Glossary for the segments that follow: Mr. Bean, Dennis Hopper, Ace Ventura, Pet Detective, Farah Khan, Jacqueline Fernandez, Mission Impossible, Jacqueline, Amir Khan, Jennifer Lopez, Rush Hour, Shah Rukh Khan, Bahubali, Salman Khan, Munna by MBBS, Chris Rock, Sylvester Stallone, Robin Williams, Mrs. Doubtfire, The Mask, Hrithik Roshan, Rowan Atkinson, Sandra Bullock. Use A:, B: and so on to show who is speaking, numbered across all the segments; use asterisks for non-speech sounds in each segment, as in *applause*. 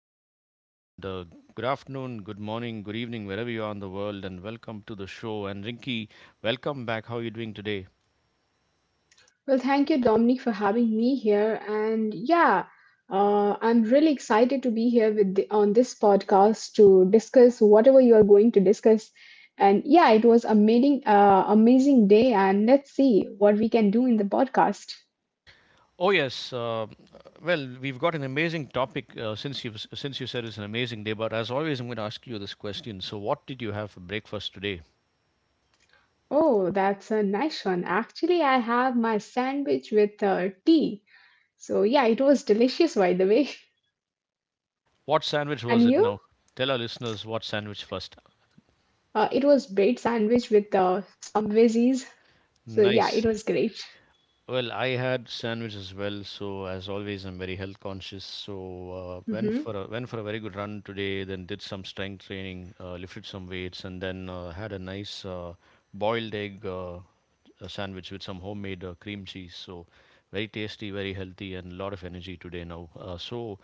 A: in India. And good afternoon, good morning, good evening, wherever you are in the world. And welcome to the show. And Rinky, welcome back. How are you doing today?
B: Well, thank you, Dominic, for having me here. And yeah, I'm really excited to be here on this podcast to discuss whatever you are going to discuss. And yeah, it was amazing day. And let's see what we can do in the podcast.
A: Oh yes, well we've got an amazing topic since you said it's an amazing day. But as always, I'm going to ask you this question. So, what did you have for breakfast today?
B: Oh, that's a nice one. Actually, I have my sandwich with tea. So yeah, it was delicious, by the way. *laughs*
A: What sandwich was
B: And
A: it?
B: you?
A: Now, tell our listeners what sandwich first.
B: It was bread sandwich with some veggies. So yeah, it
A: Nice.
B: was great.
A: Well, I had sandwich as well, so as always, I'm very health conscious. So
B: Hmm.
A: went for a very good run today. Then did some strength training, lifted some weights, and then had a nice boiled egg sandwich with some homemade cream cheese. So very tasty, very healthy, and a lot of energy today now. Uh, so,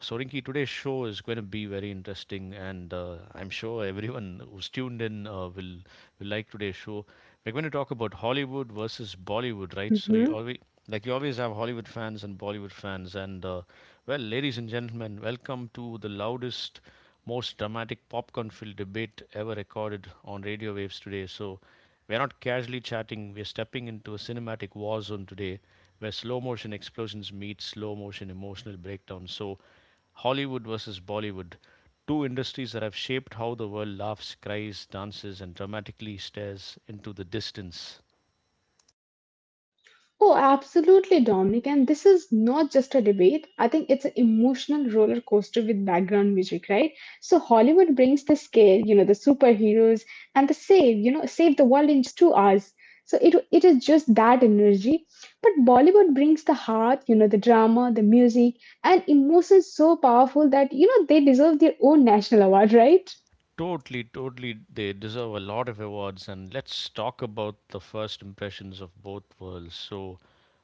A: so, Rinki, today's show is going to be very interesting, and I'm sure everyone who's tuned in will like today's show. We're going to talk about Hollywood versus Bollywood, right? So you
B: Hmm.
A: always have Hollywood fans and Bollywood fans, and well, ladies and gentlemen, welcome to the loudest, most dramatic popcorn-filled debate ever recorded on radio waves today. So we're not casually chatting; we're stepping into a cinematic war zone today where slow motion explosions meet slow motion emotional breakdown. So, Hollywood versus Bollywood, two industries that have shaped how the world laughs, cries, dances, and dramatically stares into the distance.
B: Oh, absolutely, Dominic. And this is not just a debate. I think it's an emotional roller coaster with background music, right? So Hollywood brings the scale, the superheroes and the save, you know, save the world in just 2 hours. So it is just that energy. But Bollywood brings the heart, the drama, the music, and emotions so powerful that they deserve their own national award, right?
A: Totally, totally. They deserve a lot of awards. And let's talk about the first impressions of both worlds. So,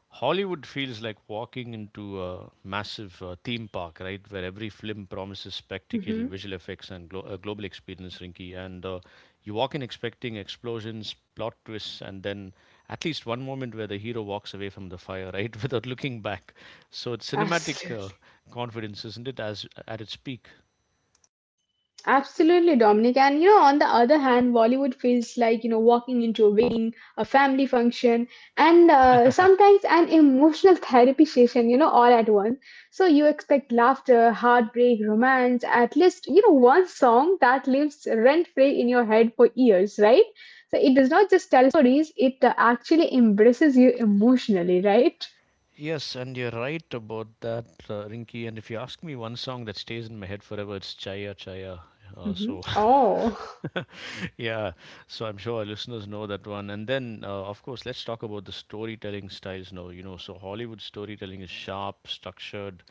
A: Hollywood feels like walking into a massive theme park, right? Where every film promises spectacle,
B: Hmm.
A: visual effects, and a global experience, Rinky. And you walk in expecting explosions, plot twists, and then at least one moment where the hero walks away from the fire, right? *laughs* Without looking back. So, it's cinematic
B: Absolutely.
A: confidence, isn't it, as at its peak?
B: Absolutely, Dominic. And on the other hand, Bollywood feels like, walking into a family function, and
A: *laughs*
B: sometimes an emotional *laughs* therapy session, all at once. So you expect laughter, heartbreak, romance, at least, one song that lives rent free in your head for years, right? So it does not just tell stories, it actually embraces you emotionally, right?
A: Yes, and you're right about that, Rinky. And if you ask me one song that stays in my head forever, it's Chaya Chaya. Uh,
B: Hmm.
A: so,
B: Oh,
A: *laughs* yeah, so I'm sure our listeners know that one. And then, of course, let's talk about the storytelling styles now. You know, so Hollywood storytelling is sharp, structured,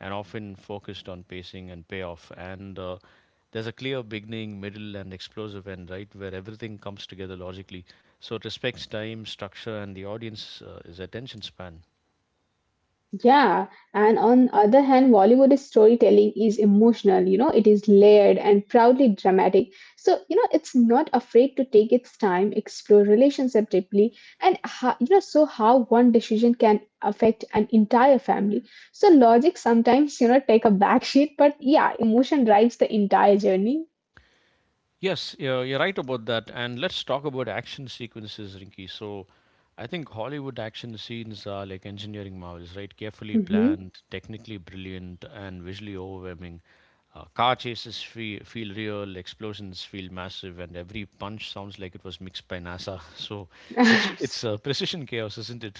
A: and often focused on pacing and payoff. And there's a clear beginning, middle, and explosive end, right, where everything comes together logically. So it respects time, structure, and the audience is attention span.
B: yeah, and on other hand, Bollywood storytelling is emotional, it is layered and proudly dramatic. So, it's not afraid to take its time, explore relationship deeply, and so how one decision can affect an entire family. So logic sometimes, take a back seat, but yeah, emotion drives the entire journey.
A: Yes, you're right about that. And let's talk about action sequences, Rinki. So, I think Hollywood action scenes are like engineering marvels, right? Carefully
B: Hmm.
A: planned, technically brilliant, and visually overwhelming. Car chases feel real, explosions feel massive, and every punch sounds like it was mixed by NASA. *laughs* So, it's
B: *laughs*
A: precision chaos, isn't it?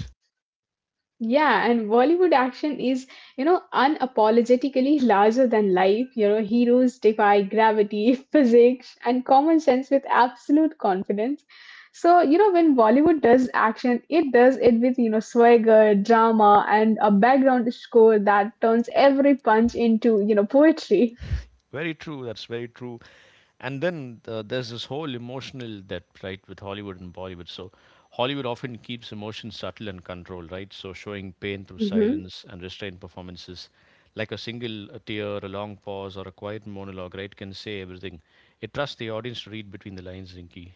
B: Yeah, and Bollywood action is, unapologetically larger than life. Heroes defy gravity, *laughs* physics, and common sense with absolute confidence. So, when Bollywood does action, it does it with, swagger, drama, and a background score that turns every punch into, poetry.
A: Very true. That's very true. And then there's this whole emotional depth, right, with Hollywood and Bollywood. So Hollywood often keeps emotion subtle and controlled, right? So showing pain through silence and restrained performances, like a single tear, a long pause, or a quiet monologue, right, can say everything. It trusts the audience to read between the lines, Rinky.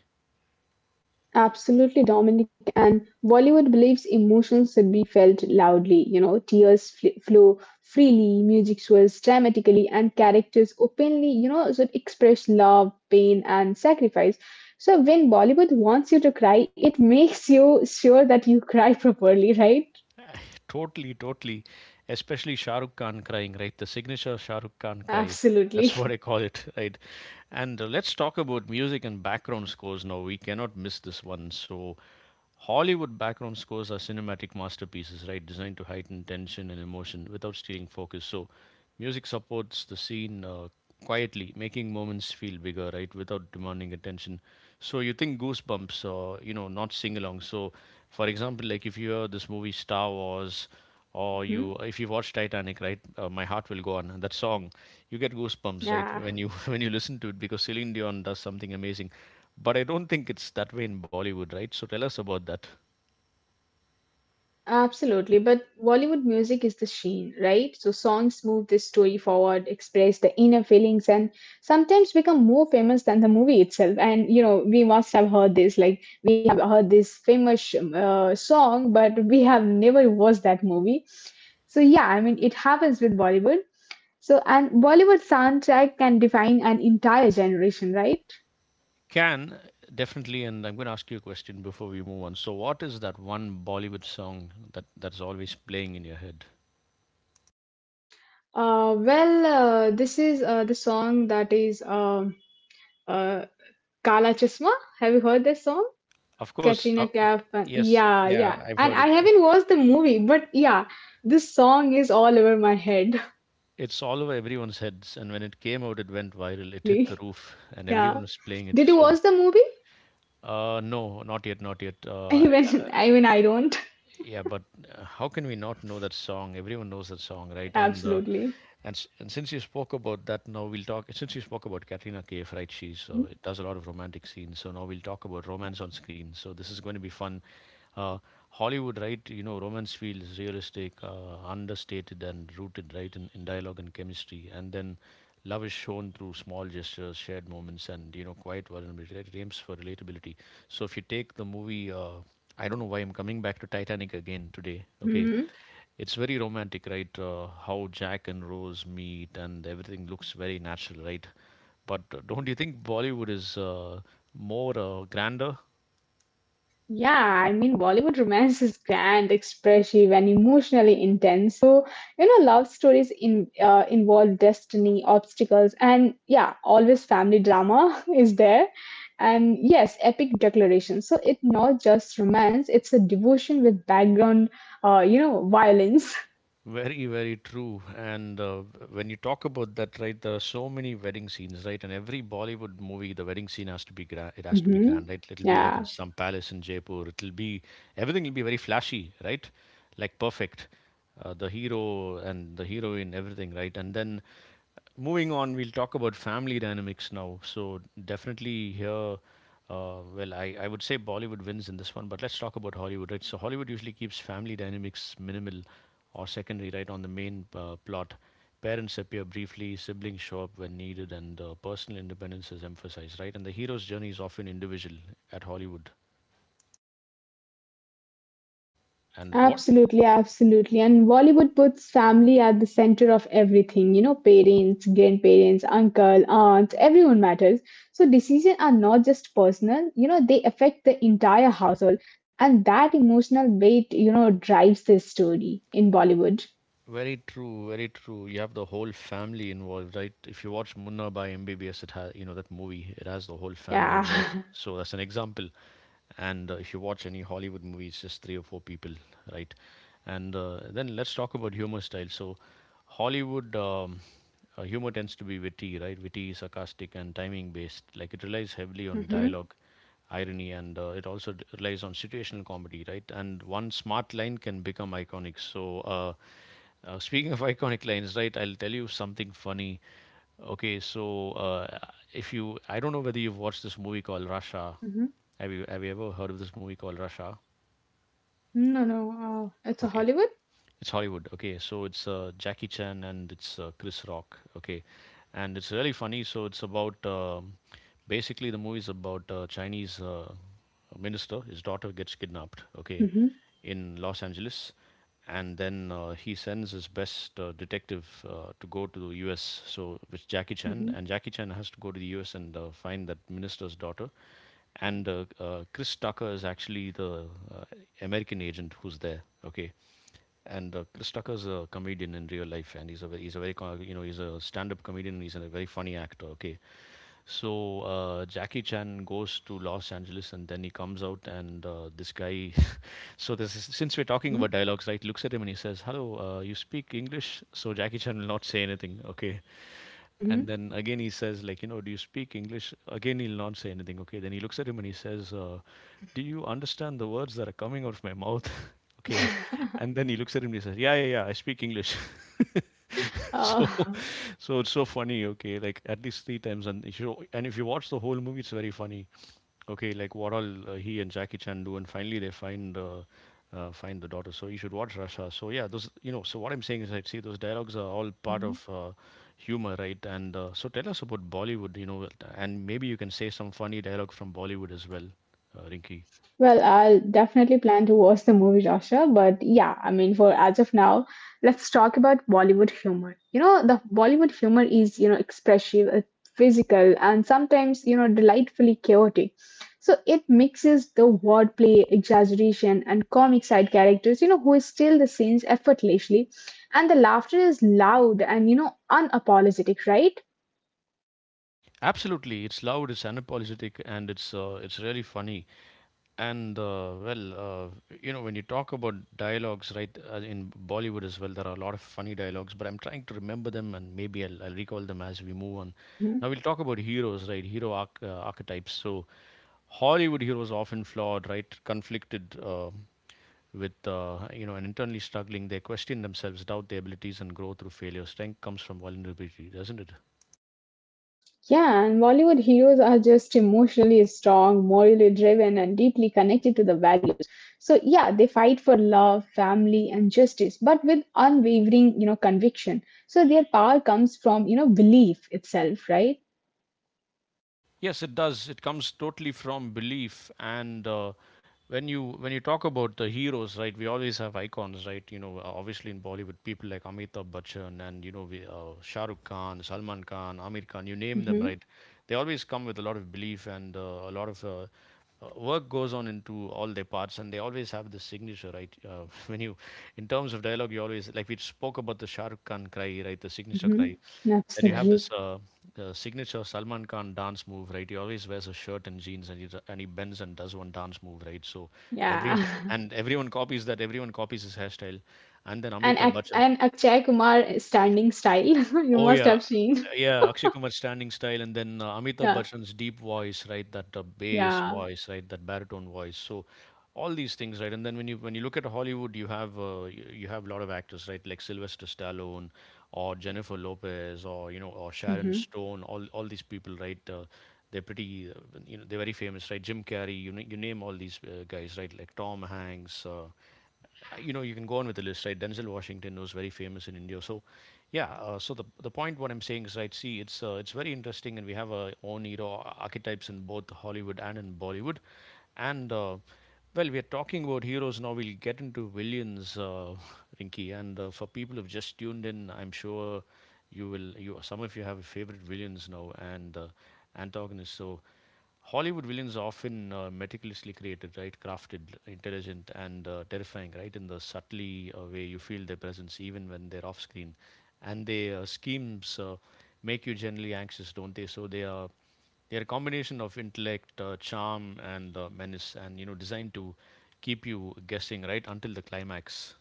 B: Absolutely, Dominic. And Bollywood believes emotions should be felt loudly. Tears flow freely, music swells dramatically, and characters openly, should express love, pain, and sacrifice. So when Bollywood wants you to cry, it *laughs* makes you sure that you cry properly, right?
A: *laughs* Totally, totally, especially Shah Rukh Khan crying, right? The signature Shah Rukh Khan cry,
B: Absolutely.
A: that's what I
B: *laughs*
A: call it, *laughs* right? And let's talk about music and background scores now. We cannot miss this one. So, Hollywood background scores are cinematic masterpieces, right? Designed to heighten tension and emotion without stealing focus. So, music supports the scene quietly, making moments feel bigger, right? Without demanding attention. So, you think goosebumps, or you know, not sing along. So, for example, like if you hear this movie Star Wars, or
B: Mhm.
A: you if you watch Titanic, right? My heart will go on. And that song, you get goosebumps, right?
B: Yeah.
A: When you *laughs* when you listen to it because Celine Dion does something amazing. But I don't think it's that way in Bollywood, right? So, tell us about that.
B: Absolutely, but Bollywood music is the sheen, right? So songs move the story forward, express the inner feelings, and sometimes become more famous than the movie itself. And we must have heard this, like we have heard this famous song, but we have never watched that movie. So yeah, I mean, it happens with Bollywood. So and Bollywood soundtrack can define an entire generation, right?
A: Can definitely, and I'm going to ask you a question before we move on. So, what is that one Bollywood song that's always playing in your head?
B: Well, this is the song that is uh, Kala Chasma. Have you heard this song?
A: Of course,
B: Katrina Kaif.
A: yes,
B: Yeah,
A: yeah,
B: yeah.
A: I've
B: And
A: heard
B: I
A: it.
B: haven't watched the movie, but yeah, this song is all over my head. *laughs*
A: It's all over everyone's heads, and when it came out, it went viral. It hit the
B: Absolutely.
A: roof, and everyone
B: Yeah.
A: was playing it.
B: Did you
A: So,
B: watch the movie?
A: no, not yet, not yet.
B: *laughs*
A: Uh,
B: Even I don't.
A: Yeah, but how can we not know that song? Everyone knows that song, right?
B: *laughs*
A: And uh,
B: Absolutely.
A: and s- and since you spoke about that, now we'll talk. Since you spoke about Katrina Kaif, right? She's does a lot of romantic scenes. So now we'll talk about romance on screen. So this is going to be fun. Uh, Hollywood, right? You know, romance feels realistic, understated, and rooted, right, in dialogue and chemistry. And then love is shown through small gestures, shared moments, and you know, quiet vulnerability. Right? It aims for relatability. So if you take the movie I don't know why I'm coming back to Titanic again today. Okay,
B: Hmm.
A: it's very romantic, right? How Jack and Rose meet and everything looks very natural, right? But don't you think Bollywood is more grander?
B: Yeah, I mean, Bollywood romance is grand, expressive, and emotionally intense. So, love stories in involve destiny, obstacles, and yeah, always family drama *laughs* is there. And yes, epic declarations. So it's not just romance; it's a devotion with background, violence.
A: Very, very true. And when you talk about that, right, there are so many wedding scenes, right? And every Bollywood movie, the wedding scene has to be grand. It
B: *laughs*
A: has to be
B: Hmm.
A: grand, right? It'll be like
B: Yeah.
A: in some palace in Jaipur. It'll be everything will be very flashy, right? Like perfect. The hero and the heroine, everything, right? And then moving on, we'll talk about family dynamics now. So definitely here, well, I would say Bollywood wins in this one, but let's talk about Hollywood, right? So Hollywood usually keeps family dynamics minimal or secondary, right, on the main plot. Parents appear briefly, siblings show up when needed, and personal independence is emphasized, right, and the hero's journey is often individual at Hollywood. And what.
B: Absolutely, absolutely. And Bollywood puts family at the center of everything. Parents, grandparents, uncle, aunt, everyone matters. So decisions are not just personal, they affect the entire household. And that emotional weight, drives this story in Bollywood.
A: Very true, very true. You have the whole family involved, right? If you watch Munna by MBBS, it has, you know, that movie, it has the whole family
B: Yeah.
A: involved.
B: *laughs*
A: So that's an example. And if you watch any Hollywood movie, it's just three or four people, right? And then let's talk about humor style. So, Hollywood humor tends to be witty, right? Witty, sarcastic, and timing based. Like it relies heavily on
B: Mm-hmm.
A: dialogue, irony, and it also relies on situational comedy, right? And one smart line can become iconic. So, speaking of *laughs* iconic lines, right? I'll tell you something funny. Okay, so if you, I don't know whether you've watched this movie called Russia.
B: Mm-hmm.
A: Have you ever heard of this movie called Rush Hour?
B: No, no. It's a
A: Okay,
B: Hollywood.
A: it's Hollywood. Okay, so it's Jackie Chan and it's Chris Rock. Okay, and it's really funny. So it's about basically the movie is about a Chinese minister. His daughter gets kidnapped. Okay,
B: Mm-hmm.
A: in Los Angeles, and then he sends his best detective to go to the U.S. So with Jackie Chan, and Jackie Chan has to go to the U.S. and find that minister's daughter. And Chris Tucker is actually the uh, American agent who's there. Okay, and Chris Tucker's a comedian in real life, and he's a very, you know he's a stand-up comedian. And he's a very funny actor. Okay, so Jackie Chan goes to Los Angeles, and then he comes out, and this guy. *laughs* So this is, since we're talking
B: Mm-hmm.
A: about dialogues, right? Looks at him and he says, "Hello, you speak English?" So Jackie Chan will not say anything. Okay,
B: Mm-hmm.
A: and then again he says, like, you know, do you speak English? Again, he'll not say anything. Okay. Then he looks at him and he says, do you understand the words that are coming out of my mouth? *laughs* Okay.
B: Mm-hmm.
A: And then he looks at him and he says, yeah, yeah, yeah, I speak English. *laughs* So,
B: *laughs*
A: so it's so funny. Okay. Like at least three times. And if you watch the whole movie, it's very funny. Okay. Like what all he and Jackie Chan do. And finally they find, find the daughter. So you should watch Russia. So yeah, those, you know, so what I'm saying is I'd say those dialogues are all part of,
B: Oh.
A: humor, right? And So tell us about Bollywood, and maybe you can say some funny dialogue from Bollywood as well, Rinky.
B: Well, I'll definitely plan to watch the movie Russia, but yeah, I mean, for as of now, let's talk about Bollywood humor. The Bollywood humor is, expressive, physical, and sometimes, delightfully chaotic. So it mixes the wordplay, exaggeration, and comic side characters, who steal the scenes effortlessly. And the laughter is loud and, unapologetic, right?
A: Absolutely, it's loud, it's unapologetic, and it's really funny. And well, you know, when you talk about dialogues, right, in Bollywood as well, there are a lot of funny dialogues. But I'm trying to remember them, and maybe I'll recall them as we move on. Now we'll talk about heroes, right? Hero archetypes. So Hollywood heroes often flawed, right? Conflicted, with you know and internally struggling, they question themselves, doubt their abilities, and grow through failure. Strength comes from vulnerability, doesn't it?
B: Yeah, and Bollywood heroes are just emotionally strong, morally driven, and deeply connected to the values. So yeah, they fight for love, family, and justice, but with unwavering, conviction. So their power comes from, belief itself, right?
A: Yes, it does. It comes totally from belief. And when you talk about the heroes, right? We always have icons, right? Obviously in Bollywood, people like Amitabh Bachchan and Shah Rukh Khan, Salman Khan, Amir Khan. You name them,
B: Hmm.
A: right? They always come with a lot of belief and a lot of work goes on into all their parts, and they always have the signature, right? *laughs* When you In terms of dialogue, you always, like, we spoke about the Shahrukh Khan cry, right? The signature
B: Hmm.
A: cry. Then you have
B: Absolutely.
A: this signature Salman Khan dance move, right? He always wears a shirt and jeans, and he bends and does one dance move, right? So everyone
B: Yeah. *laughs*
A: everyone copies that. Everyone copies his hairstyle, and then
B: And
A: Amitabh Bachchan.
B: Akshay Kumar standing style, *laughs* you
A: Oh
B: must
A: yeah,
B: have seen. *laughs*
A: yeah. Akshay Kumar's standing style, and then Amitabh
B: Yeah.
A: Bachchan's deep voice, right? That bass
B: Yeah.
A: voice, right? That baritone voice. So all these things, right? And then when you look at Hollywood, you have you have a lot of actors, right? Like Sylvester Stallone, or Jennifer Lopez, or you know, or Sharon
B: Mhm.
A: Stone. All these people, right? They're pretty, you know, they're very famous, right? Jim Carrey. You name all these guys, right? Like Tom Hanks. You know, you can go on with the list, right? Denzel Washington was very famous in India. So yeah, so the point what I'm saying is, right, see, it's very interesting, and we have our own you archetypes in both Hollywood and in Bollywood. And well, we are talking about heroes. Now we'll get into villains, *laughs* Rinky, and for people who've just tuned in, I'm sure you will, you, some of you have favorite villains now and antagonists. So Hollywood villains are often meticulously created, right? Crafted, intelligent, and terrifying, right? In the subtly way, you feel their presence, even when they're off screen. And their schemes make you generally anxious, don't they? So they're a combination of intellect, charm, and menace, and you know, designed to keep you guessing right until the climax.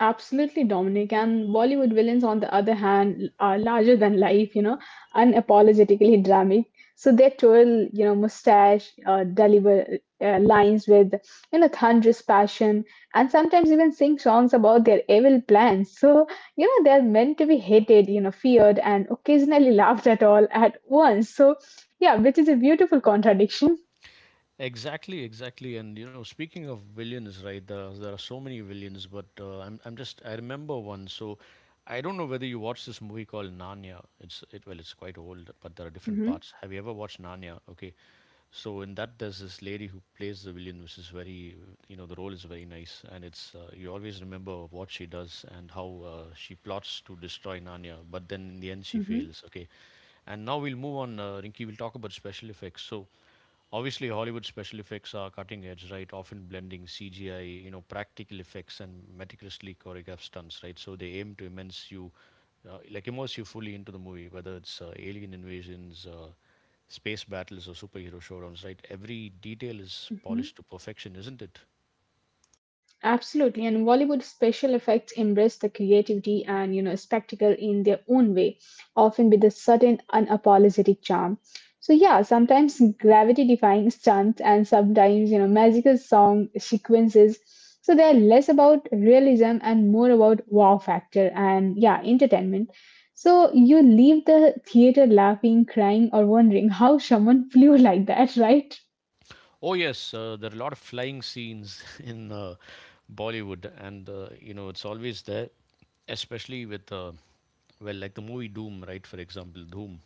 B: Absolutely, Dominic. And Bollywood villains, on the other hand, are larger than life, unapologetically dramatic. So they twirl, mustache, deliver lines with, thunderous passion, and sometimes even sing songs about their evil plans. So, they're meant to be hated, feared, and occasionally laughed at all at once. So, yeah, which is a beautiful contradiction.
A: Exactly, exactly. And you know, speaking of villains, right? There are so many villains, but I remember one. So I don't know whether you watched this movie called Narnia. It well, it's quite old, but there are different
B: Hmm.
A: parts. Have you ever watched Narnia? Okay, so in that there's this lady who plays the villain, which is very, you know, the role is very nice, and it's you always remember what she does and how she plots to destroy Narnia, but then in the end she
B: Hmm.
A: fails. Okay, and now we'll move on, Rinky. We'll talk about special effects. So obviously, Hollywood special effects are cutting edge, right? Often blending CGI, you know, practical effects and meticulously choreographed stunts, right? So they aim to immerse you, like immerse you fully into the movie, whether it's alien invasions, space battles, or superhero showdowns, right? Every detail is
B: Hmm.
A: polished to perfection, isn't it?
B: Absolutely, and Bollywood special effects embrace the creativity and spectacle in their own way, often with a certain unapologetic charm. So yeah, sometimes gravity-defying stunts and sometimes magical song sequences. So they're less about realism and more about wow factor and yeah, entertainment. So you leave the theater laughing, crying, or wondering how someone *laughs* flew like that, right?
A: Oh yes, there are a lot of flying scenes *laughs* in Bollywood, and you know, it's always there, especially with. Well, like the movie Doom, right? For example, Doom.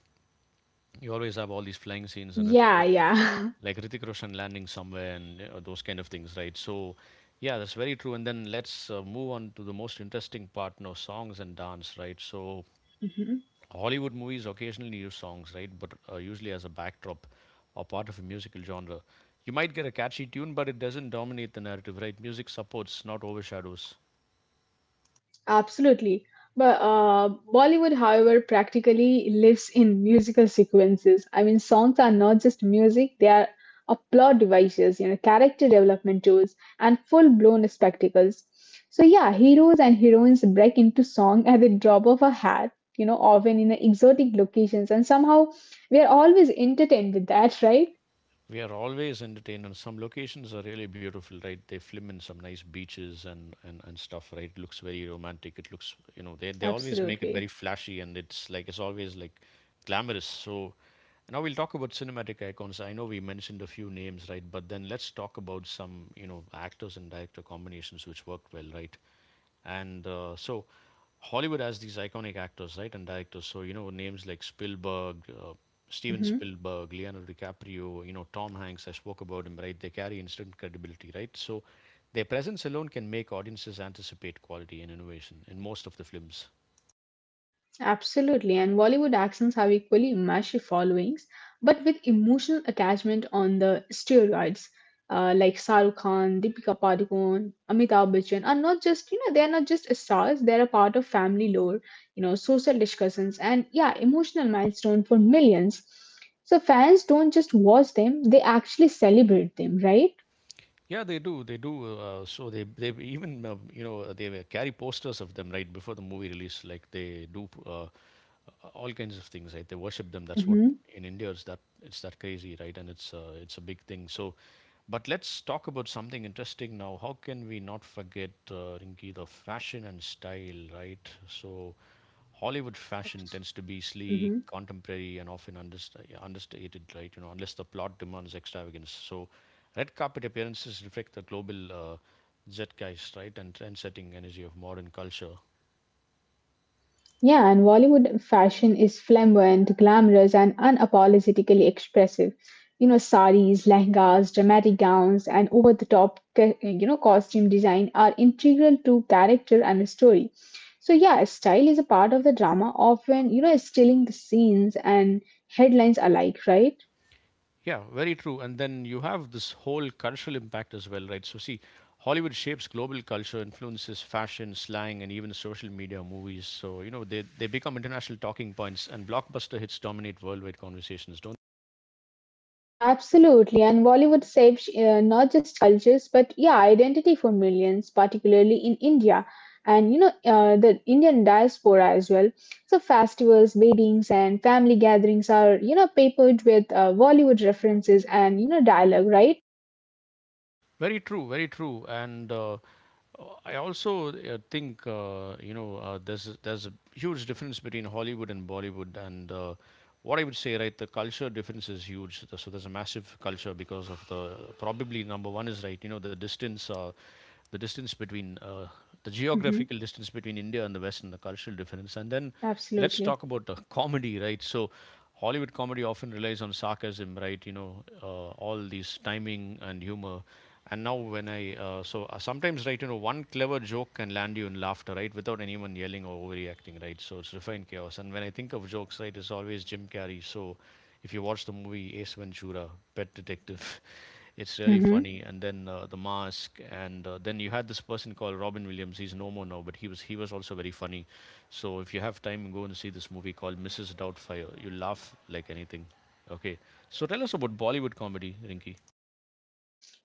A: You always have all these flying scenes and Hrithik
B: Yeah,
A: Ro-
B: yeah.
A: like Hrithik Roshan landing somewhere and those kind of things, right? So yeah, that's very true. And then let's move on to the most interesting part, no, songs and dance, right? So
B: *laughs*
A: Hollywood movies occasionally use songs, right? But usually as a backdrop or part of a musical genre. You might get a catchy tune, but it doesn't dominate the narrative, right? Music supports, not overshadows.
B: Absolutely. But Bollywood, however, practically lives in musical sequences. I mean, songs are not just music, they are a plot devices, character development tools, and full blown spectacles. So, yeah, heroes and heroines break into song at the drop of a hat, often in exotic locations, and somehow we are always entertained with that, *laughs* right?
A: We are always entertained, and some locations are really beautiful, right? They film in some nice beaches and stuff, right? It looks very romantic. It looks, you know, they always make it very
B: Absolutely.
A: flashy, and it's like, it's always like glamorous. So now we'll talk about cinematic icons. I know we mentioned a few names, right? But then let's talk about some, you know, actors and director combinations which worked well, right? And so Hollywood has these iconic actors, right, and directors. So you know, names like Spielberg, Steven Spielberg, Leonardo DiCaprio, you know, Tom Hanks. I spoke about him, right? They carry instant credibility, right? So their presence alone can make audiences anticipate quality and innovation in most of the films.
B: Absolutely, and Bollywood accents have equally massive followings, but with emotional attachment on the steroids. Like Shah Rukh Khan, Deepika Padukone, Amitabh Bachchan are not just they are not just stars; they are a part of family lore, social discussions, and yeah, emotional milestone for millions. So fans don't just watch them; they actually celebrate them, right?
A: Yeah, they do. They do. So they even you know, they will carry posters of them right before the movie release. Like they do all kinds of things. Right, they worship them. That's what,
B: Mm-hmm.
A: in India, it's that crazy, right? And it's a big thing. So but let's talk about something interesting now. How can we not forget, Rinki, the fashion and style, right? So Hollywood fashion tends to be
B: Mm-hmm.
A: sleek, contemporary, and often understated, right? You know, unless the plot demands extravagance. So red carpet appearances reflect the global zeitgeist, right, and trend-setting energy of modern culture.
B: Yeah, and Bollywood fashion is flamboyant, glamorous, and unapologetically expressive. Saris, lehengas, dramatic gowns, and over the top, costume design are integral to character and story. So, yeah, style is a part of the drama, often, stealing the scenes and headlines alike, right?
A: Yeah, very true. And then you have this whole cultural impact as well, right? So see, Hollywood shapes global culture, influences fashion, slang, and even social media movies. So, you know, they become international talking points, and blockbuster hits dominate worldwide conversations, don't they?
B: Absolutely, and Bollywood shapes not just cultures but yeah, identity for millions, particularly in India and the Indian diaspora as well. So festivals, weddings, and family gatherings are peppered with Bollywood references and dialogue, right?
A: Very true, very true. And I also think, you know, there's a huge difference between Hollywood and Bollywood, and what I would say, right, the culture difference is huge. So there's a massive culture because of the, probably number one is, right, you know, the distance between the
B: Hmm.
A: geographical distance between India and the West, and the cultural difference, and then let's talk
B: Absolutely.
A: about *laughs* comedy, right? So Hollywood comedy often relies on sarcasm, right? You know, all these timing and humor, and now, when I so sometimes, right, you know, one clever joke can land you in laughter, right, without anyone yelling or overreacting, right? So it's refined chaos. And when I think of jokes, right, it's always Jim Carrey. So if you watch the movie Ace Ventura, Pet Detective, *laughs* it's really
B: Hmm.
A: funny. And then The Mask, and then you had this person called Robin Williams. He's no more now, but he was also very funny. So if you have time, go and see this movie called Mrs. Doubtfire. You laugh like anything. Okay, so tell us about Bollywood comedy, Rinky.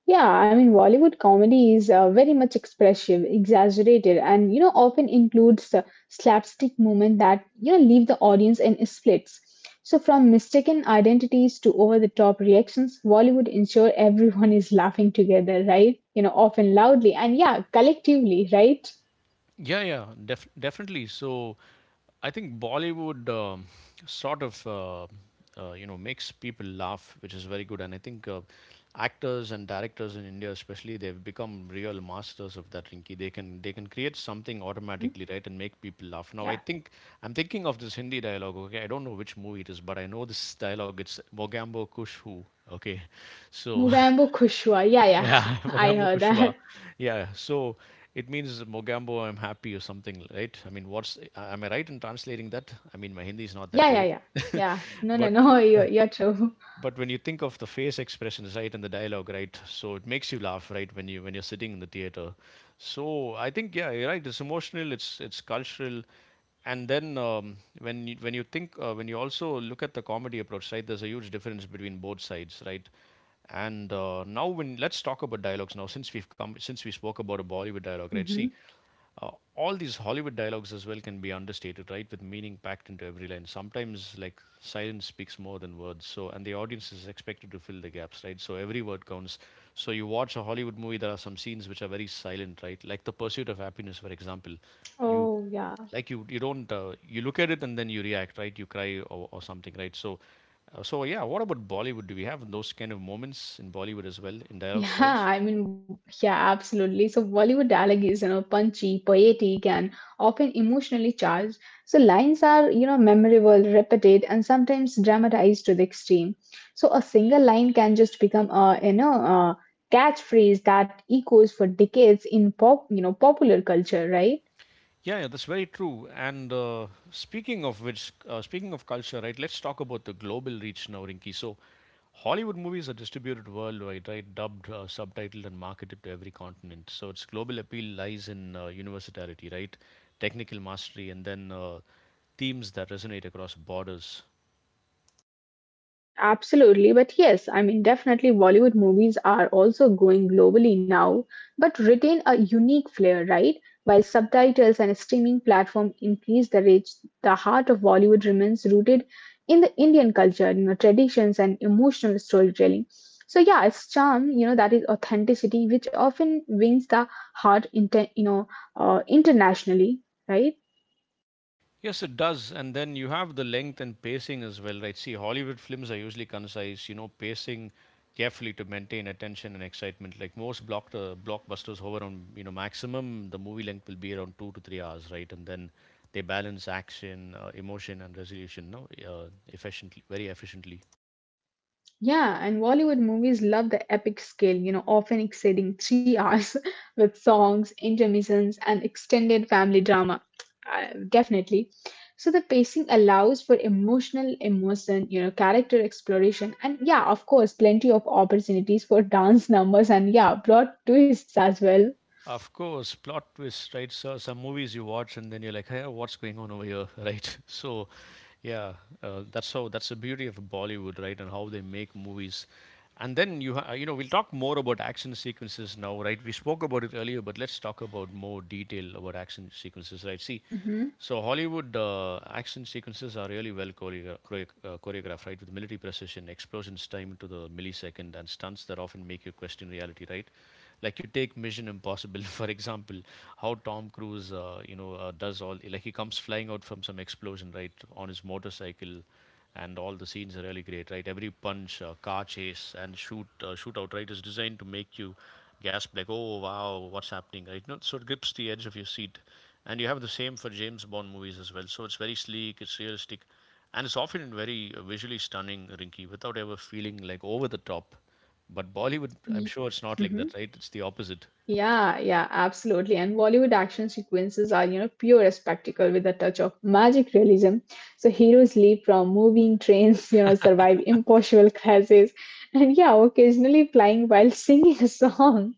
B: Yeah, I mean, Bollywood comedy is very much expressive, exaggerated, and often includes slapstick moments that leave the audience in splits. So, from mistaken identities to over-the-top reactions, Bollywood ensure everyone is laughing together, right? Often loudly and yeah, collectively, right?
A: Yeah, yeah, definitely. So I think Bollywood sort of uh, you know, makes people laugh, which is very good. And I think actors and directors in India, especially, they've become real masters of that. Rinky, they can create something
B: Mhm.
A: automatically, right, and make people laugh. Now I
B: Yeah.
A: think I'm thinking of this Hindi dialogue. Okay, I don't know which movie it is, but I know this dialogue. It's Mogambo Kush Hu. Okay, so *laughs*
B: Mugambo Kushwa. Yeah, yeah. *laughs*
A: yeah, *laughs*
B: I heard
A: Mogambo
B: that.
A: Kushwa. Yeah, so it means Mogambo, I'm happy or something, right? I mean, what's, am I right in translating that? I mean, my Hindi is not
B: Yeah,
A: that
B: yeah,
A: great,
B: yeah. Yeah. No,
A: *laughs*
B: no,
A: but
B: no. *laughs* You're true.
A: but when you think of the face expressions, right, and the dialogue, right, so it makes you laugh, right, when you're sitting in the theater. So I think yeah, you're right, it's emotional, it's cultural. And then when you think when you also look at the comedy approach, right, there's a huge difference between both sides, right? And now when, let's talk about dialogues now, since we've come, since we spoke about a Bollywood dialogue, right? See,
B: Hmm.
A: all these Hollywood dialogues as well can be understated, right? With meaning packed into every line. Sometimes, like, silence speaks more than words. So, and the audience is expected to fill the gaps, right? So every word counts. So, you watch a Hollywood movie, there are some scenes which are very silent, right? Like The Pursuit of Happiness, for example. You
B: Oh, yeah.
A: you don't you look at it and then you react, right? You cry or something, right? So yeah what about Bollywood? Do we have those kind of moments in Bollywood as well in dialogue
B: Yeah,
A: styles?
B: I mean, yeah, absolutely. So Bollywood dialogue is, punchy, poetic, and often emotionally charged. So lines are, memorable, repeated, and sometimes dramatized to the extreme. So a single line can just become a catchphrase that echoes for decades in popular culture, right?
A: Yeah, yeah, that's very true. And speaking of which, speaking of culture, right? Let's talk about the global reach now, Rinki. So, Hollywood movies are distributed worldwide, right? Dubbed, subtitled, and marketed to every continent. So its global appeal lies in universality, right? Technical mastery, and then themes that resonate across borders.
B: Absolutely, but yes, I mean, definitely Bollywood movies are also growing globally now, but retain a unique flair, right? While subtitles and a streaming platform increase the reach, the heart of Bollywood remains rooted in the Indian culture, traditions and emotional storytelling. So yeah, its charm, that is authenticity, which often wins the heart, internationally, right?
A: Yes, it does. And then you have the length and pacing as well, right? See, Hollywood films are usually concise, you know, pacing carefully to maintain attention and excitement. Like most blockbusters hover on, you know, maximum the movie length will be around 2 to 3 hours, right? And then they balance action, emotion, and resolution, no, efficiently, very efficiently.
B: Yeah, and Bollywood movies love the epic scale, often exceeding 3 hours *laughs* with songs, intermissions, and extended family drama. Definitely. So the pacing allows for emotional immersion, character exploration, and yeah, of course, plenty of opportunities for dance *laughs* numbers and yeah, plot twists as well.
A: Of course, plot twists, right? So some movies you watch and then you're like, hey, what's going on over here, *laughs* right? So, yeah, that's the beauty of Bollywood, right? And how they make movies. And then you know, we'll talk more about action sequences now, right? We spoke about it earlier, but let's talk about more detail about action sequences, right? See,
B: Mm-hmm.
A: so Hollywood action sequences are really well choreographed, right? With military precision, explosions timed to the millisecond, and stunts that often make you question reality, right? Like you take Mission Impossible, *laughs* for example, how Tom Cruise, you know, does all like he comes flying out from some explosion, right, on his motorcycle and all the scenes are really great, right? Every punch, car chase, and shootout, right, is designed to make you gasp like, "Oh wow, what's happening?" Right? No, so it grips the edge of your seat, and you have the same for James Bond movies as well. So it's very sleek, it's realistic, and it's often very visually stunning, Rinky, without ever feeling like over the top. But Bollywood, I'm sure it's not like that, right? It's the opposite.
B: Yeah, yeah, absolutely. And Bollywood action sequences are, pure spectacle with a touch of magic realism. So heroes leap from moving trains, *laughs* survive impossible crashes, and yeah, occasionally flying while *laughs* singing a song.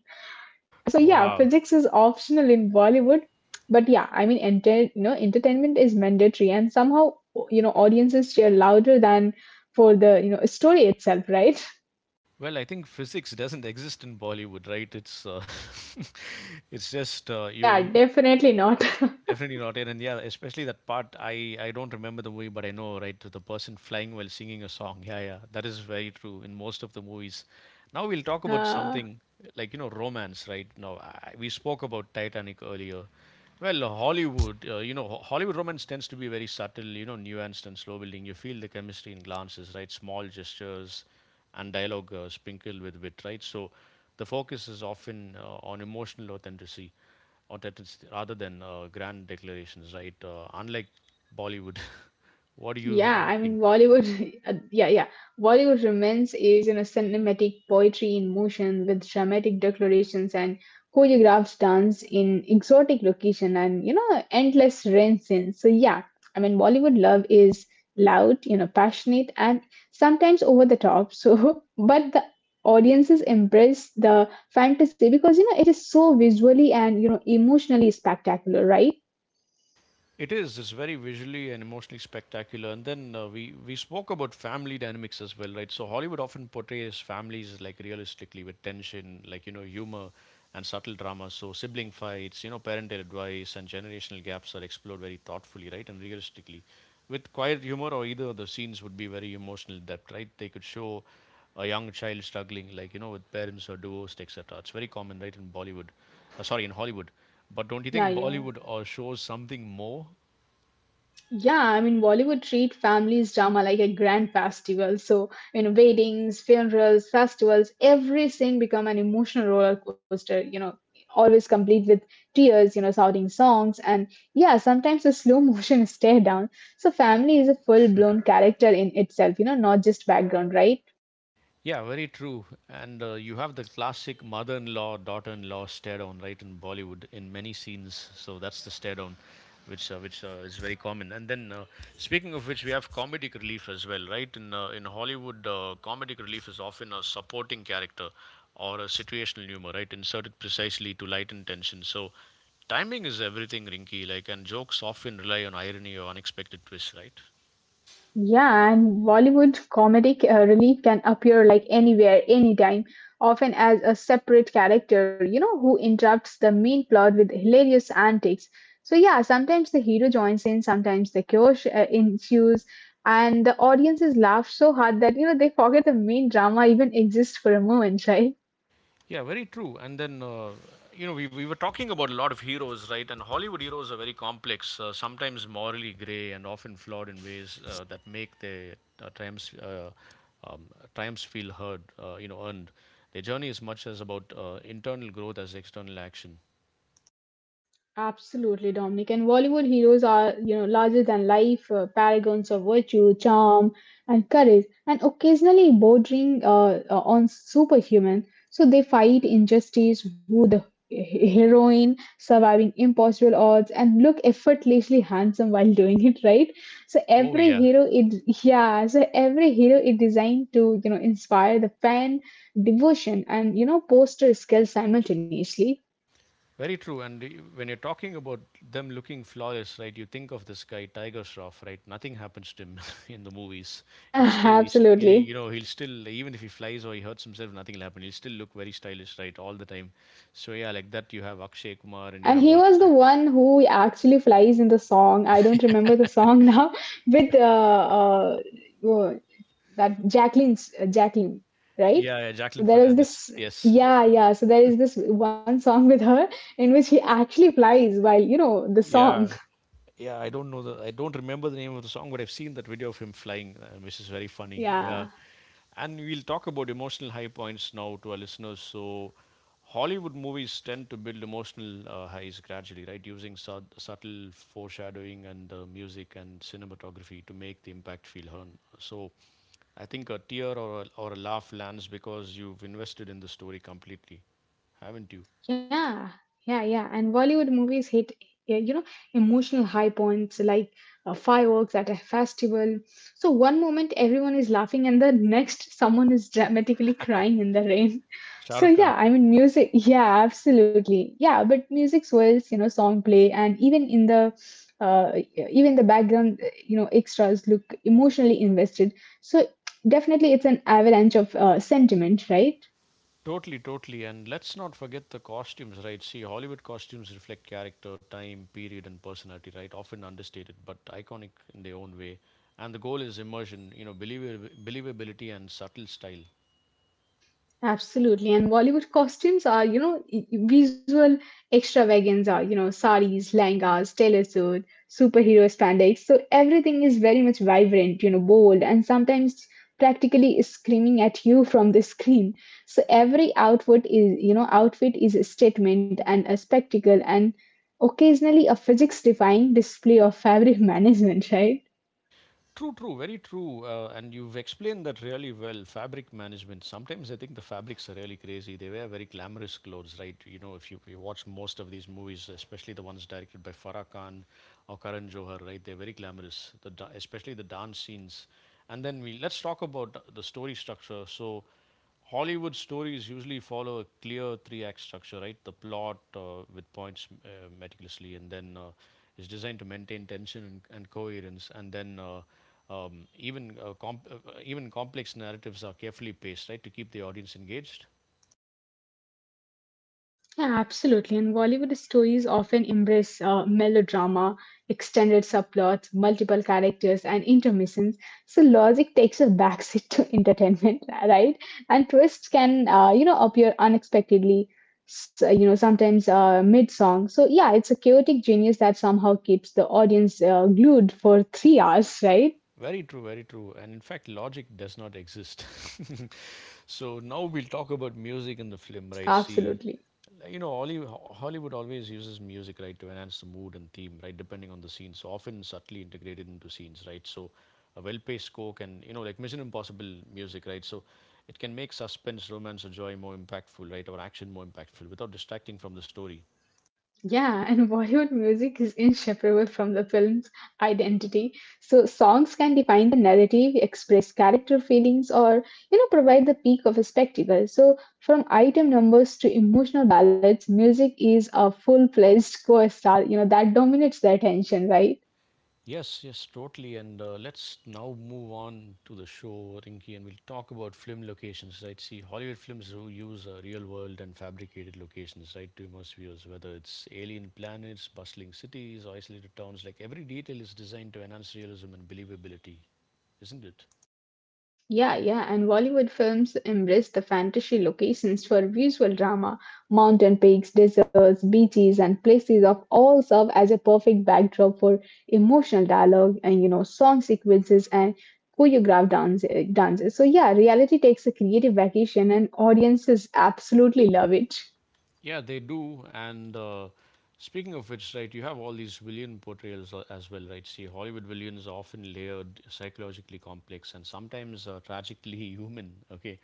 B: So yeah,
A: Wow.
B: physics is optional in Bollywood, but yeah, I mean, entertainment is mandatory, and somehow, audiences cheer louder than for the, story itself, right? *laughs*
A: Well, I think physics doesn't exist in Bollywood, right? It's *laughs* it's just you
B: Yeah,
A: you can
B: definitely not. *laughs*
A: definitely not it, and yeah, especially that part. I don't remember the movie, but I know right to the person flying while singing a song. Yeah, yeah, that is very true in most of the movies. Now we'll talk about
B: Uh,
A: something like you know romance, right? We spoke about Titanic earlier. Well, Hollywood, you know, Hollywood romance tends to be very subtle, you know, nuanced and slow building. You feel the chemistry in glances, right? Small gestures and dialogue sprinkled with wit, right? So the focus is often on emotional authenticity or that it's rather than grand declarations, right? Unlike Bollywood, *laughs* what do you
B: Yeah, I mean,
A: think?
B: Bollywood, *laughs* yeah, yeah. Bollywood romance is in a cinematic poetry in motion with dramatic declarations and choreographed dance in exotic location and, endless rain scenes. So, yeah, I mean, Bollywood love is loud, passionate and sometimes over the top. So, *laughs* but the audiences embrace the fantasy because, you know, it is so visually and, you know, emotionally spectacular, right?
A: It is. It's very visually and emotionally spectacular. And then we spoke about family dynamics as well, right? So Hollywood often portrays families like realistically with tension, like you know, humor and subtle drama. So sibling fights, you know, parental advice and generational gaps are explored very thoughtfully, right, and realistically. With quiet humor or either of the scenes would be very emotional depth, right? They could show a young child struggling, like you know, with parents or divorced, etc. It's very common, right, in Bollywood. Sorry, in Hollywood. But don't you think
B: Yeah, yeah.
A: Bollywood shows something more?
B: Yeah, I mean, Bollywood treat families drama like a grand festival. So, you know, weddings, funerals, festivals, every scene become an emotional roller coaster, you know, always complete with tears, you know, shouting songs, and yeah, sometimes a slow motion *laughs* stare down. So, family is a full blown character in itself, you know, not just background, right?
A: Yeah, very true. And you have the classic mother in law, daughter in law stare down, right, in Bollywood in many scenes. So that's the stare down, which is very common. And then, speaking of which, we have comedic relief as well, right? In Hollywood, comedic relief is often a supporting character or a situational humor, right? Inserted precisely to lighten tension. So timing is everything, Rinky, like, and jokes often rely on irony or unexpected twists, right?
B: Yeah, and Bollywood comedic relief can appear like anywhere, anytime, often as a separate character, you know, who interrupts the main plot with hilarious antics. So, yeah, sometimes the hero joins in, sometimes the chaos ensues, and the audiences laugh so hard that, you know, they forget the main drama even exists for a moment, *laughs* right?
A: Yeah, very true. And then, you know, we were talking about a lot of heroes, right? And Hollywood heroes are very complex, sometimes morally gray and often flawed in ways that make their uh, triumphs, uh, um, triumphs feel heard, you know, earned. Their journey is much as about internal growth as external action.
B: Absolutely, Dominic. And Bollywood heroes are, you know, larger than life, paragons of virtue, charm, and courage, and occasionally bordering on superhuman. So they fight injustice, woo the heroine, surviving impossible odds, and look effortlessly handsome while doing it, *laughs* right? So
A: Oh,
B: every
A: yeah.
B: hero, it yeah, so every hero is designed to, you know, inspire the fan devotion and you know, poster skill simultaneously.
A: Very true. And when you're talking about them looking flawless, right, you think of this guy, Tiger Shroff, right? Nothing happens to him *laughs* in the movies.
B: Yeah, *laughs*
A: He, you
B: absolutely.
A: know, he'll still, even if he flies or he hurts himself, nothing will happen. He'll still look very stylish, right, all the time. So, yeah, like that, you have Akshay Kumar and you
B: And
A: have
B: he
A: all
B: was
A: these
B: the
A: actors.
B: one who actually flies in the song. I don't remember the song *laughs* now with uh, that Jacqueline, right?
A: Yeah, yeah,
B: So
A: Jacqueline
B: there is
A: Fernandez.
B: this,
A: Yes, yes,
B: yeah,
A: yes.
B: yeah. So there is this one song *laughs* with her in which he actually flies while you know the song.
A: Yeah,
B: *laughs*
A: yeah. I don't remember the name of the song, but I've seen that video of him flying, which is very funny.
B: Yeah.
A: Yeah, and we'll talk about emotional high points now to our listeners. So, Hollywood movies tend to build emotional highs gradually, right? Using subtle foreshadowing and the music and cinematography to make the impact feel earned. So, I think a tear or or a laugh lands because you've invested in the story completely, haven't you?
B: Yeah, yeah. And Bollywood movies hit, you know, emotional high points like fireworks at a festival. So one moment everyone is laughing, and the next someone is dramatically crying in the rain. *laughs* So
A: Shahrukh Khan.
B: yeah, I mean, music. Yeah, absolutely. Yeah, but music swells, you know, song play, and even in the even the background, you know, extras look emotionally invested. So definitely, it's an avalanche of sentiment, right?
A: Totally, totally. And let's not forget the costumes, right? See, Hollywood costumes reflect character, time, period, and personality, right? Often understated, but iconic in their own way. And the goal is immersion, you know, believability and subtle style.
B: Absolutely. And Bollywood costumes are, you know, visual extravaganza, you know, saris, langas, tailor suit, superhero spandex. So everything is very much vibrant, you know, bold, and sometimes practically screaming at you from the screen. So every outfit is, you know, outfit is a statement and a spectacle and occasionally a physics defying display of fabric *laughs* management, right?
A: True, true, very true. And you've explained that really well. Fabric management. Sometimes I think the fabrics are really crazy. They wear very glamorous clothes, right? You know, if you, you watch most of these movies, especially the ones directed by Farah Khan or Karan Johar, right? They're very glamorous, especially the dance scenes. And then we let's talk about the story structure. So, Hollywood stories usually follow a clear three-act structure, right? The plot with points meticulously, and then is designed to maintain tension and coherence, and then. Even comp- even complex narratives are carefully paced, right, to keep the audience engaged.
B: Yeah, absolutely. And Bollywood stories often embrace melodrama, extended subplots, multiple characters, and intermissions. So logic takes a backseat to *laughs* entertainment, right? And twists can, you know, appear unexpectedly. So, you know, sometimes mid-song. So yeah, it's a chaotic genius that somehow keeps the audience glued for 3 hours, right?
A: Very true, very true. And in fact, logic does not exist. *laughs* So now we'll talk about music in the film, right? See,
B: Absolutely.
A: you know Hollywood always uses music, right, to enhance the mood and theme, right, depending on the scene, so often subtly integrated into scenes, right? So a well-paced score can, you know, like Mission Impossible music, right? So it can make suspense, romance, or joy more impactful, right, or action more impactful without distracting from the story.
B: Yeah, *laughs* and Bollywood music is inseparable from the film's identity. So songs can define the narrative, express character feelings, or you know provide the peak of a spectacle. So from item numbers to emotional ballads, music is a full-fledged co-star. You know that dominates the attention, right?
A: Yes, yes, totally. And let's now move on to the show, Rinky, and we'll talk about film locations, right? See, Hollywood films use real world and fabricated locations, right, to immerse viewers, whether it's alien planets, bustling cities, or isolated towns. Like every detail is designed to enhance realism and believability, isn't it?
B: Yeah, and Bollywood films embrace the fantasy locations for visual drama. Mountain peaks, deserts, beaches, and places of all serve as a perfect backdrop for emotional dialogue and you know song sequences and choreographed dances. So yeah, reality takes a creative vacation, and audiences absolutely love it.
A: Yeah, they do. And speaking of which, right, you have all these villain portrayals as well, right? See, Hollywood villains are often layered, psychologically complex, and sometimes tragically *laughs* human. Okay,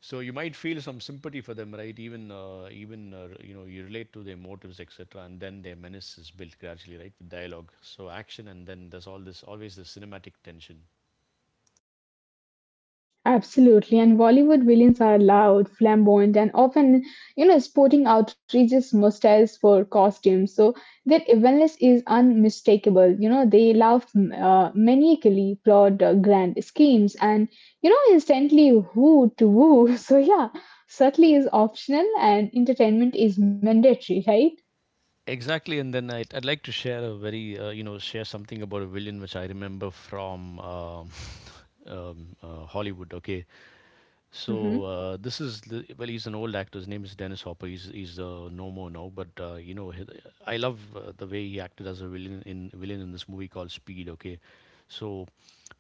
A: so you might feel some sympathy for them, right? Even even you know you relate to their motives, etc. And then their menace is built gradually, right, with dialogue, so action, and then there's all this always this cinematic tension.
B: Absolutely, and Bollywood villains are loud, flamboyant, and often, you know, sporting outrageous mustaches for costumes. So their evilness is unmistakable. You know, they laugh maniacally, plot grand schemes, and you know, instantly woo to woo. *laughs* So yeah, subtlety is optional, and entertainment is mandatory, right?
A: Exactly, and then I'd like to share a very you know share something about a villain which I remember from *laughs* Hollywood. Okay,
B: Hmm.
A: so this is the, well, he's an old actor. His name is Dennis Hopper. He's no more now, but you know he, I love the way he acted as a villain in this movie called Speed. Okay, so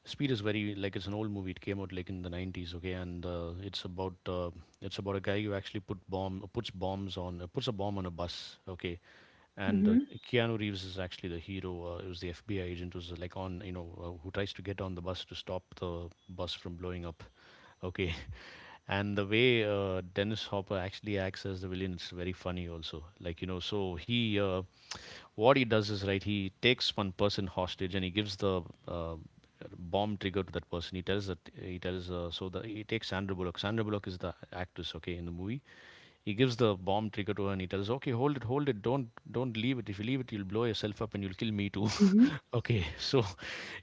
A: Speed is very like it's an old movie. It came out like in the 90s, okay, and it's about a guy who actually puts bombs on puts a bomb on a bus, okay, and
B: Hmm.
A: Keanu Reeves is actually the hero. It was the FBI agent who's like on you know who tries to get on the bus to stop the bus from blowing up. Okay. *laughs* And the way Dennis Hopper actually acts as the villain is very funny, also. Like, you know, so what he does is, right, he takes one person hostage and he gives the bomb trigger to that person. He tells that, he tells, so the, he takes Sandra Bullock. Sandra Bullock is the actress, okay, in the movie. He gives the bomb trigger to her and he tells, "Okay, hold it, hold it. Don't leave it. If you leave it, you'll blow yourself up and you'll kill me too."
B: Hmm.
A: *laughs* Okay, so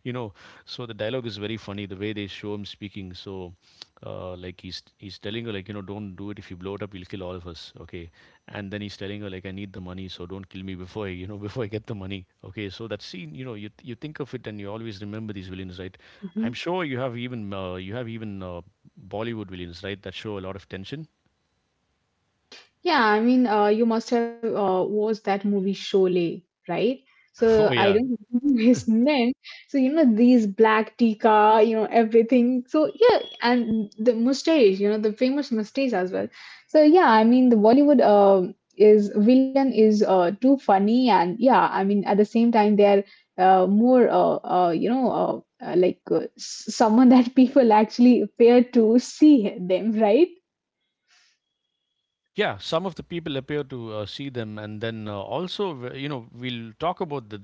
A: you know, so the dialogue is very funny the way they show him speaking. So, like he's telling her like don't do it. If you blow it up, you'll kill all of us. Okay, and then he's telling her like, I need the money, so don't kill me before I, *laughs* before I get the money. Okay, so that scene, you think of it and you always remember these villains, right?
B: Hmm.
A: I'm sure you have even Bollywood villains, right? That show a lot of tension.
B: Yeah, I mean, you must have watched that movie Sholay, right?
A: *laughs*
B: So
A: Oh
B: I
A: yeah.
B: don't remember *laughs* his name. So you know these black tikka, you know everything. So yeah, and the mustache, you know the famous mustache as well. So yeah, I mean the Bollywood is villain is too funny, and yeah, I mean at the same time they're more you know someone that *laughs* people actually fear to see them, right?
A: Yeah, some of the people appear to see them, and then also, you know, we'll talk about the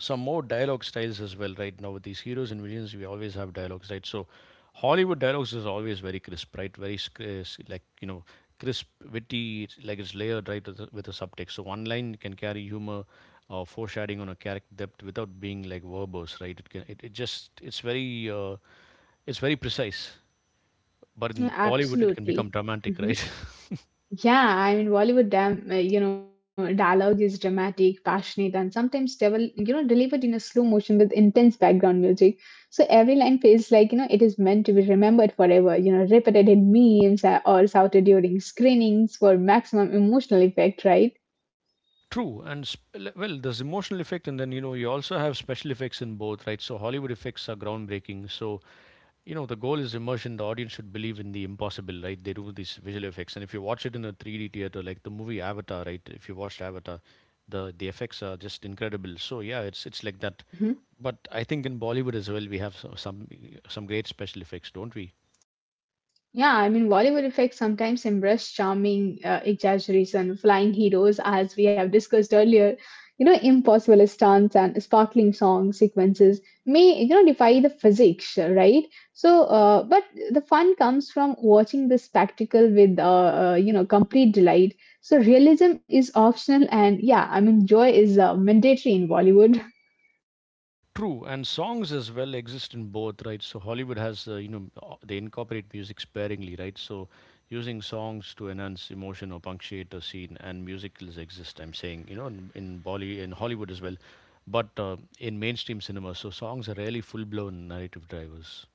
A: some more dialogue styles as well. Right now, with these heroes and villains, we always have dialogues, right? So, Hollywood dialogues is always very crisp, right? Like crisp, witty, it's like it's layered, right, with a subtext. So, one line can carry humor, foreshadowing on a character depth without being like verbose, right? It can, it just, it's very precise. But
B: Yeah,
A: in Bollywood, it can
B: absolutely.
A: become dramatic, right? *laughs*
B: Yeah, I mean Bollywood, you know, dialogue is dramatic, passionate, and sometimes devil, you know, delivered in a slow motion with intense background music. So every line feels like you know it is meant to be remembered forever. You know, repeated in memes or shouted during screenings for maximum emotional effect, right?
A: True, and sp- well, there's emotional effect, and then you know you also have special effects in both, right? So Hollywood effects are groundbreaking. So you know the goal is immersion. The audience should believe in the impossible, right? They do these visual effects, and if you watch it in a 3D theater, like the movie Avatar, right? If you watched Avatar, the effects are just incredible. So yeah, it's like that.
B: Hmm.
A: But I think in Bollywood as well, we have some great special effects, don't we?
B: Yeah, I mean, Bollywood effects sometimes embrace charming exaggeration, flying heroes, as we have discussed earlier. You know, impossible stunts and sparkling song sequences may, you know, defy the physics, right? But the fun comes from watching the spectacle with, you know, complete delight. So, realism is optional, and yeah, I mean, joy is mandatory in Bollywood.
A: True, and songs as well exist in both, right? So Hollywood has, they incorporate music sparingly, right? So using songs to enhance emotion or punctuate a scene, and musicals exist. I'm saying, in Hollywood as well, but in mainstream cinema, so songs are rarely full-blown narrative drivers.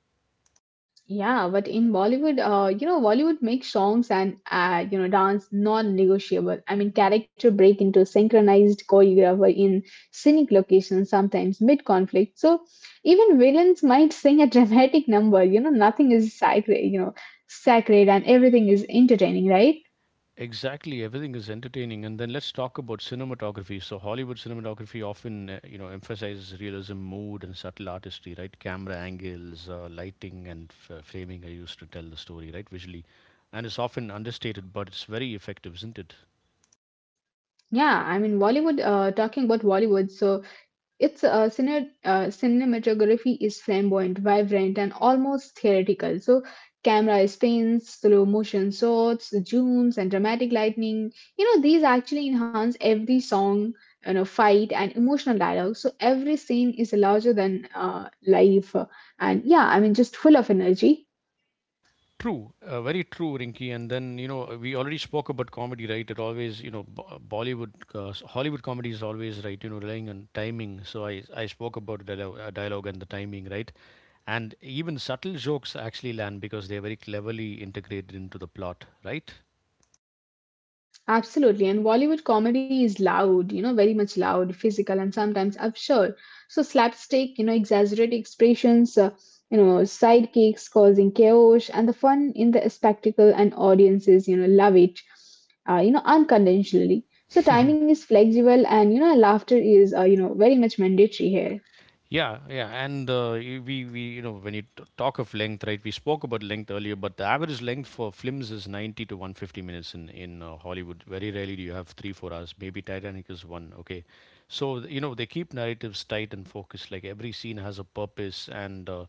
B: Yeah, but in Bollywood, you know, Bollywood makes songs and you know, dance non-negotiable. I mean, character break into synchronized choreographer in scenic locations, sometimes mid-conflict. So even villains might sing a *laughs* dramatic number. Nothing is sacred, and everything is entertaining, right?
A: Exactly, everything is entertaining. And then let's talk about cinematography. So Hollywood cinematography often, emphasizes realism, mood, and subtle artistry, right? Camera angles, lighting, and framing are used to tell the story, right? Visually, and it's often understated, but it's very effective, isn't it?
B: Yeah, I mean, Bollywood. Talking about Bollywood, so its cinematography is flamboyant, vibrant, and almost theatrical. So, camera spins, slow motion shots, zooms, and dramatic lightning. You know, these actually enhance every song, you know, fight, and emotional dialogue. So, every scene is larger than life. And yeah, I mean, just full of energy.
A: True, very true, Rinky. And then you know we already spoke about comedy, right? It always you know Bollywood, Hollywood comedy is always right, you know, relying on timing. So I spoke about dialogue, dialogue and the timing, right? And even subtle jokes actually land because they're very cleverly integrated into the plot, right?
B: Absolutely. And Bollywood comedy is loud, you know, very much loud, physical, and sometimes absurd. So, slapstick, you know, exaggerated expressions, you know, sidekicks causing chaos, and the fun in the spectacle and audiences, you know, love it, you know, unconventionally. So, timing is flexible, and, you know, laughter is, you know, very much mandatory here.
A: Yeah, yeah, and we you know when you talk of length, right? We spoke about length earlier, but the average length for films is 90 to 150 minutes in Hollywood. Very rarely do you have 3 four hours. Maybe Titanic is one. Okay, so you know they keep narratives tight and focused. Like every scene has a purpose, and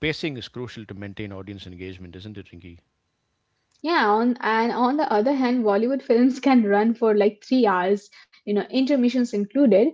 A: pacing is crucial to maintain audience engagement, isn't it, Rinky?
B: Yeah, on and on the other hand, Bollywood films *laughs* can run for like 3 hours, you know, intermissions included.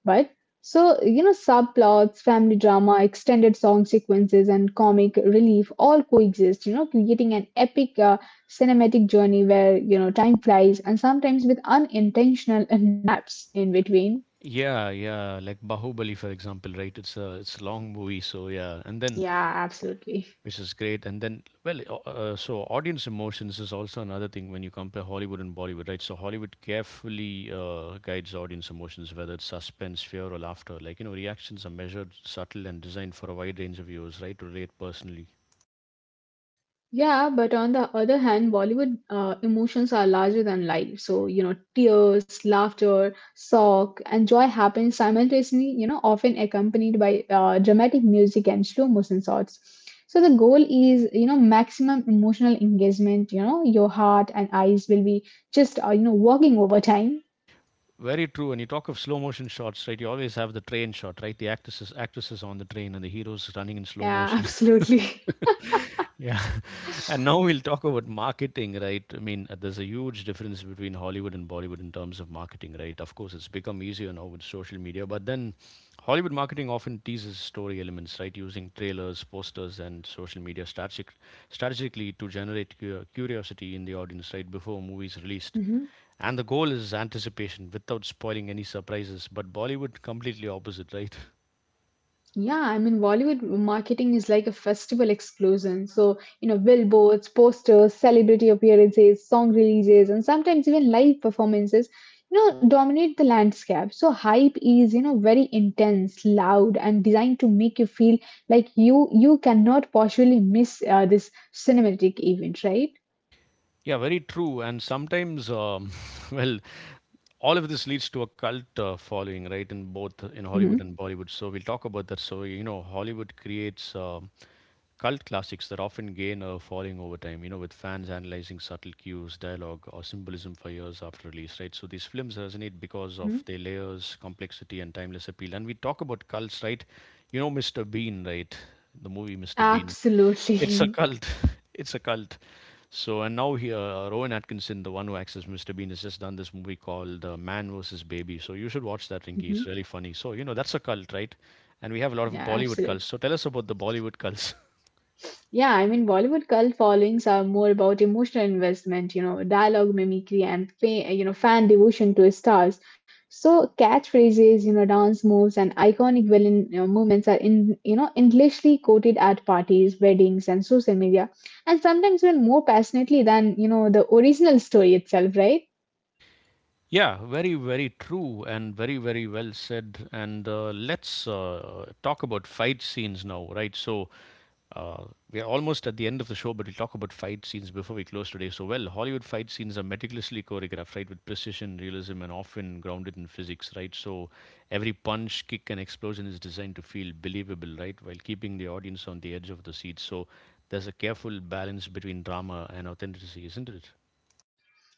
B: But so, you know, subplots, family drama, extended song sequences, and comic relief all coexist, you know, creating an epic cinematic journey where, you know, time flies and sometimes with unintentional *laughs* naps in between.
A: Yeah, yeah, like Bahubali, for example, right? It's a long movie, so yeah, and then
B: Yeah, absolutely.
A: which is great, and then well, so audience emotions is also another thing when you compare Hollywood and Bollywood, right? So Hollywood carefully guides audience emotions, whether it's suspense, fear, or laughter. Like you know, reactions are measured, subtle, and designed for a wide range of viewers, right? To relate personally.
B: Yeah, but on the other hand, Bollywood emotions are larger than life. So, you know, tears, laughter, shock, and joy happen simultaneously, you know, often accompanied by dramatic music and slow motion shots. So, the goal is, you know, maximum emotional engagement. You know, your heart and eyes will be just, you know, walking over time.
A: Very true. And you talk of slow motion shots, right? You always have the train shot, right? The actresses on the train and the heroes running in slow
B: Yeah, *laughs*
A: motion.
B: absolutely.
A: Yeah. *laughs* And now we'll talk about marketing, right? I mean, there's a huge difference between Hollywood and Bollywood in terms of marketing, right? Of course, it's become easier now with social media, but then Hollywood marketing often teases story elements, right? Using trailers, posters, and social media strategically to generate curiosity in the audience, right? Before a movie is released.
B: *laughs*
A: And the goal is anticipation without spoiling any surprises, but Bollywood completely opposite, right? *laughs*
B: Yeah, I mean, Bollywood marketing is like a festival explosion. So, you know, billboards, posters, celebrity appearances, song releases, and sometimes even live performances, you know, dominate the landscape. So, hype is, you know, very intense, loud, and designed to make you feel like you cannot possibly miss this cinematic event, right?
A: Yeah, very true. And sometimes, *laughs* well, all of this leads to a cult following, right, in both in Hollywood
B: Mm-hmm.
A: and Bollywood. So we'll talk about that. So you know, Hollywood creates cult classics that often gain a following over time. You know, with fans analyzing subtle cues, dialogue, or symbolism for years after release, right? So these films resonate because
B: Mm-hmm.
A: of their layers, complexity, and timeless appeal. And we talk about cults, right? You know, Mr. Bean, right? The movie Mr. Bean. It's a
B: Absolutely.
A: cult. *laughs* It's a cult. So, and now here, Rowan Atkinson, the one who acts as Mr. Bean, has just done this movie called Man vs. Baby. So, you should watch that,
B: *laughs*
A: Rinky.
B: hmm.
A: It's really funny. So, you know, that's a cult, right? And we have a lot of
B: Yeah,
A: Bollywood
B: absolutely.
A: cults. So, tell us about the Bollywood cults. *laughs*
B: Yeah, I mean, Bollywood cult followings are more about emotional investment, you know, dialogue mimicry and, you know, fan devotion to stars. So catchphrases, you know, dance moves and iconic villain you know, movements are in, you know, endlessly quoted at parties, weddings and social media. And sometimes even more passionately than, you know, the original story itself, right?
A: Yeah, very, very true and very, very well said. And let's talk about fight scenes now, right? So, Uh, we are almost at the end of the show, but we'll talk about fight scenes before we close today. So, well, Hollywood fight scenes are meticulously choreographed, right, with precision, realism, and often grounded in physics, right? So, every punch, kick, and explosion is designed to feel believable, right, while keeping the audience on the edge of the seat. So, there's a careful balance between drama and authenticity, isn't it?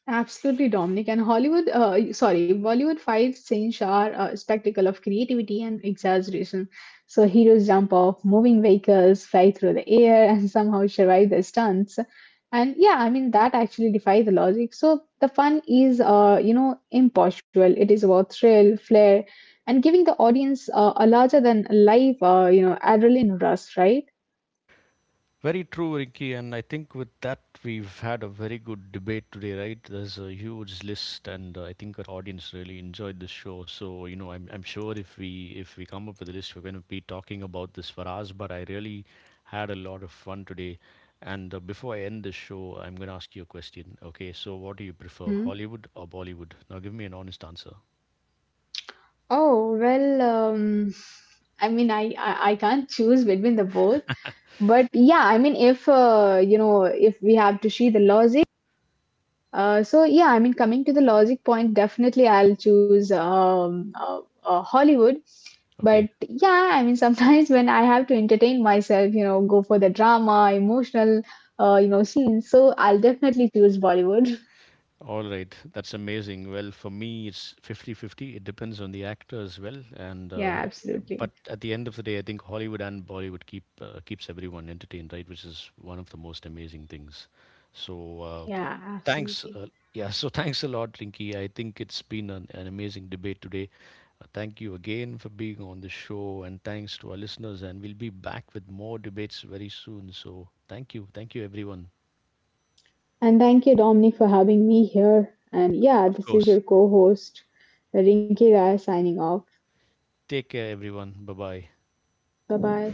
B: Absolutely, Dominic. Bollywood fight scenes are a spectacle of creativity and exaggeration. So heroes jump off moving vehicles, fly through the air, and somehow survive the stunts. And yeah, I mean, that actually defies the logic. So the fun is, you know, impossible. It is about thrill, flair, and giving the audience a larger than life, you know, adrenaline rush, right?
A: Very true, Ricky. And I think with that, we've had a very good debate today, right? There's a huge list, and I think our audience really enjoyed the show. So, you know, I'm sure if we come up with a list, we're going to be talking about this for hours. But I really had a lot of fun today. And before I end the show, I'm going to ask you a question. Okay, so what do you prefer,
B: Hmm.
A: Hollywood or Bollywood? Now, give me an honest answer.
B: Oh, I mean, I can't choose between the both. But yeah, I mean if you know if we have to see the logic, so yeah I mean coming to the logic point definitely I'll choose Hollywood. But
A: Okay.
B: yeah, I mean *laughs* sometimes when I have to entertain myself you know go for the drama emotional you know scenes, so I'll definitely choose Bollywood.
A: All right, that's amazing. Well, for me, it's 50-50. It depends on the actor as well, and
B: Yeah,
A: but
B: absolutely.
A: at the end of the day, I think Hollywood and Bollywood keep keeps everyone entertained, right? Which is one of the most amazing things. So
B: Yeah,
A: thanks,
B: absolutely.
A: yeah. So thanks a lot, Rinky. I think it's been an amazing debate today. Thank you again for being on the show, and thanks to our listeners. And we'll be back with more debates very soon. So thank you, everyone.
B: And thank you, Dominic, for having me here. And yeah,
A: Of
B: this is
A: course.
B: your co host, Rinki Rai, signing off.
A: Take care, everyone. Bye bye.
B: Bye bye.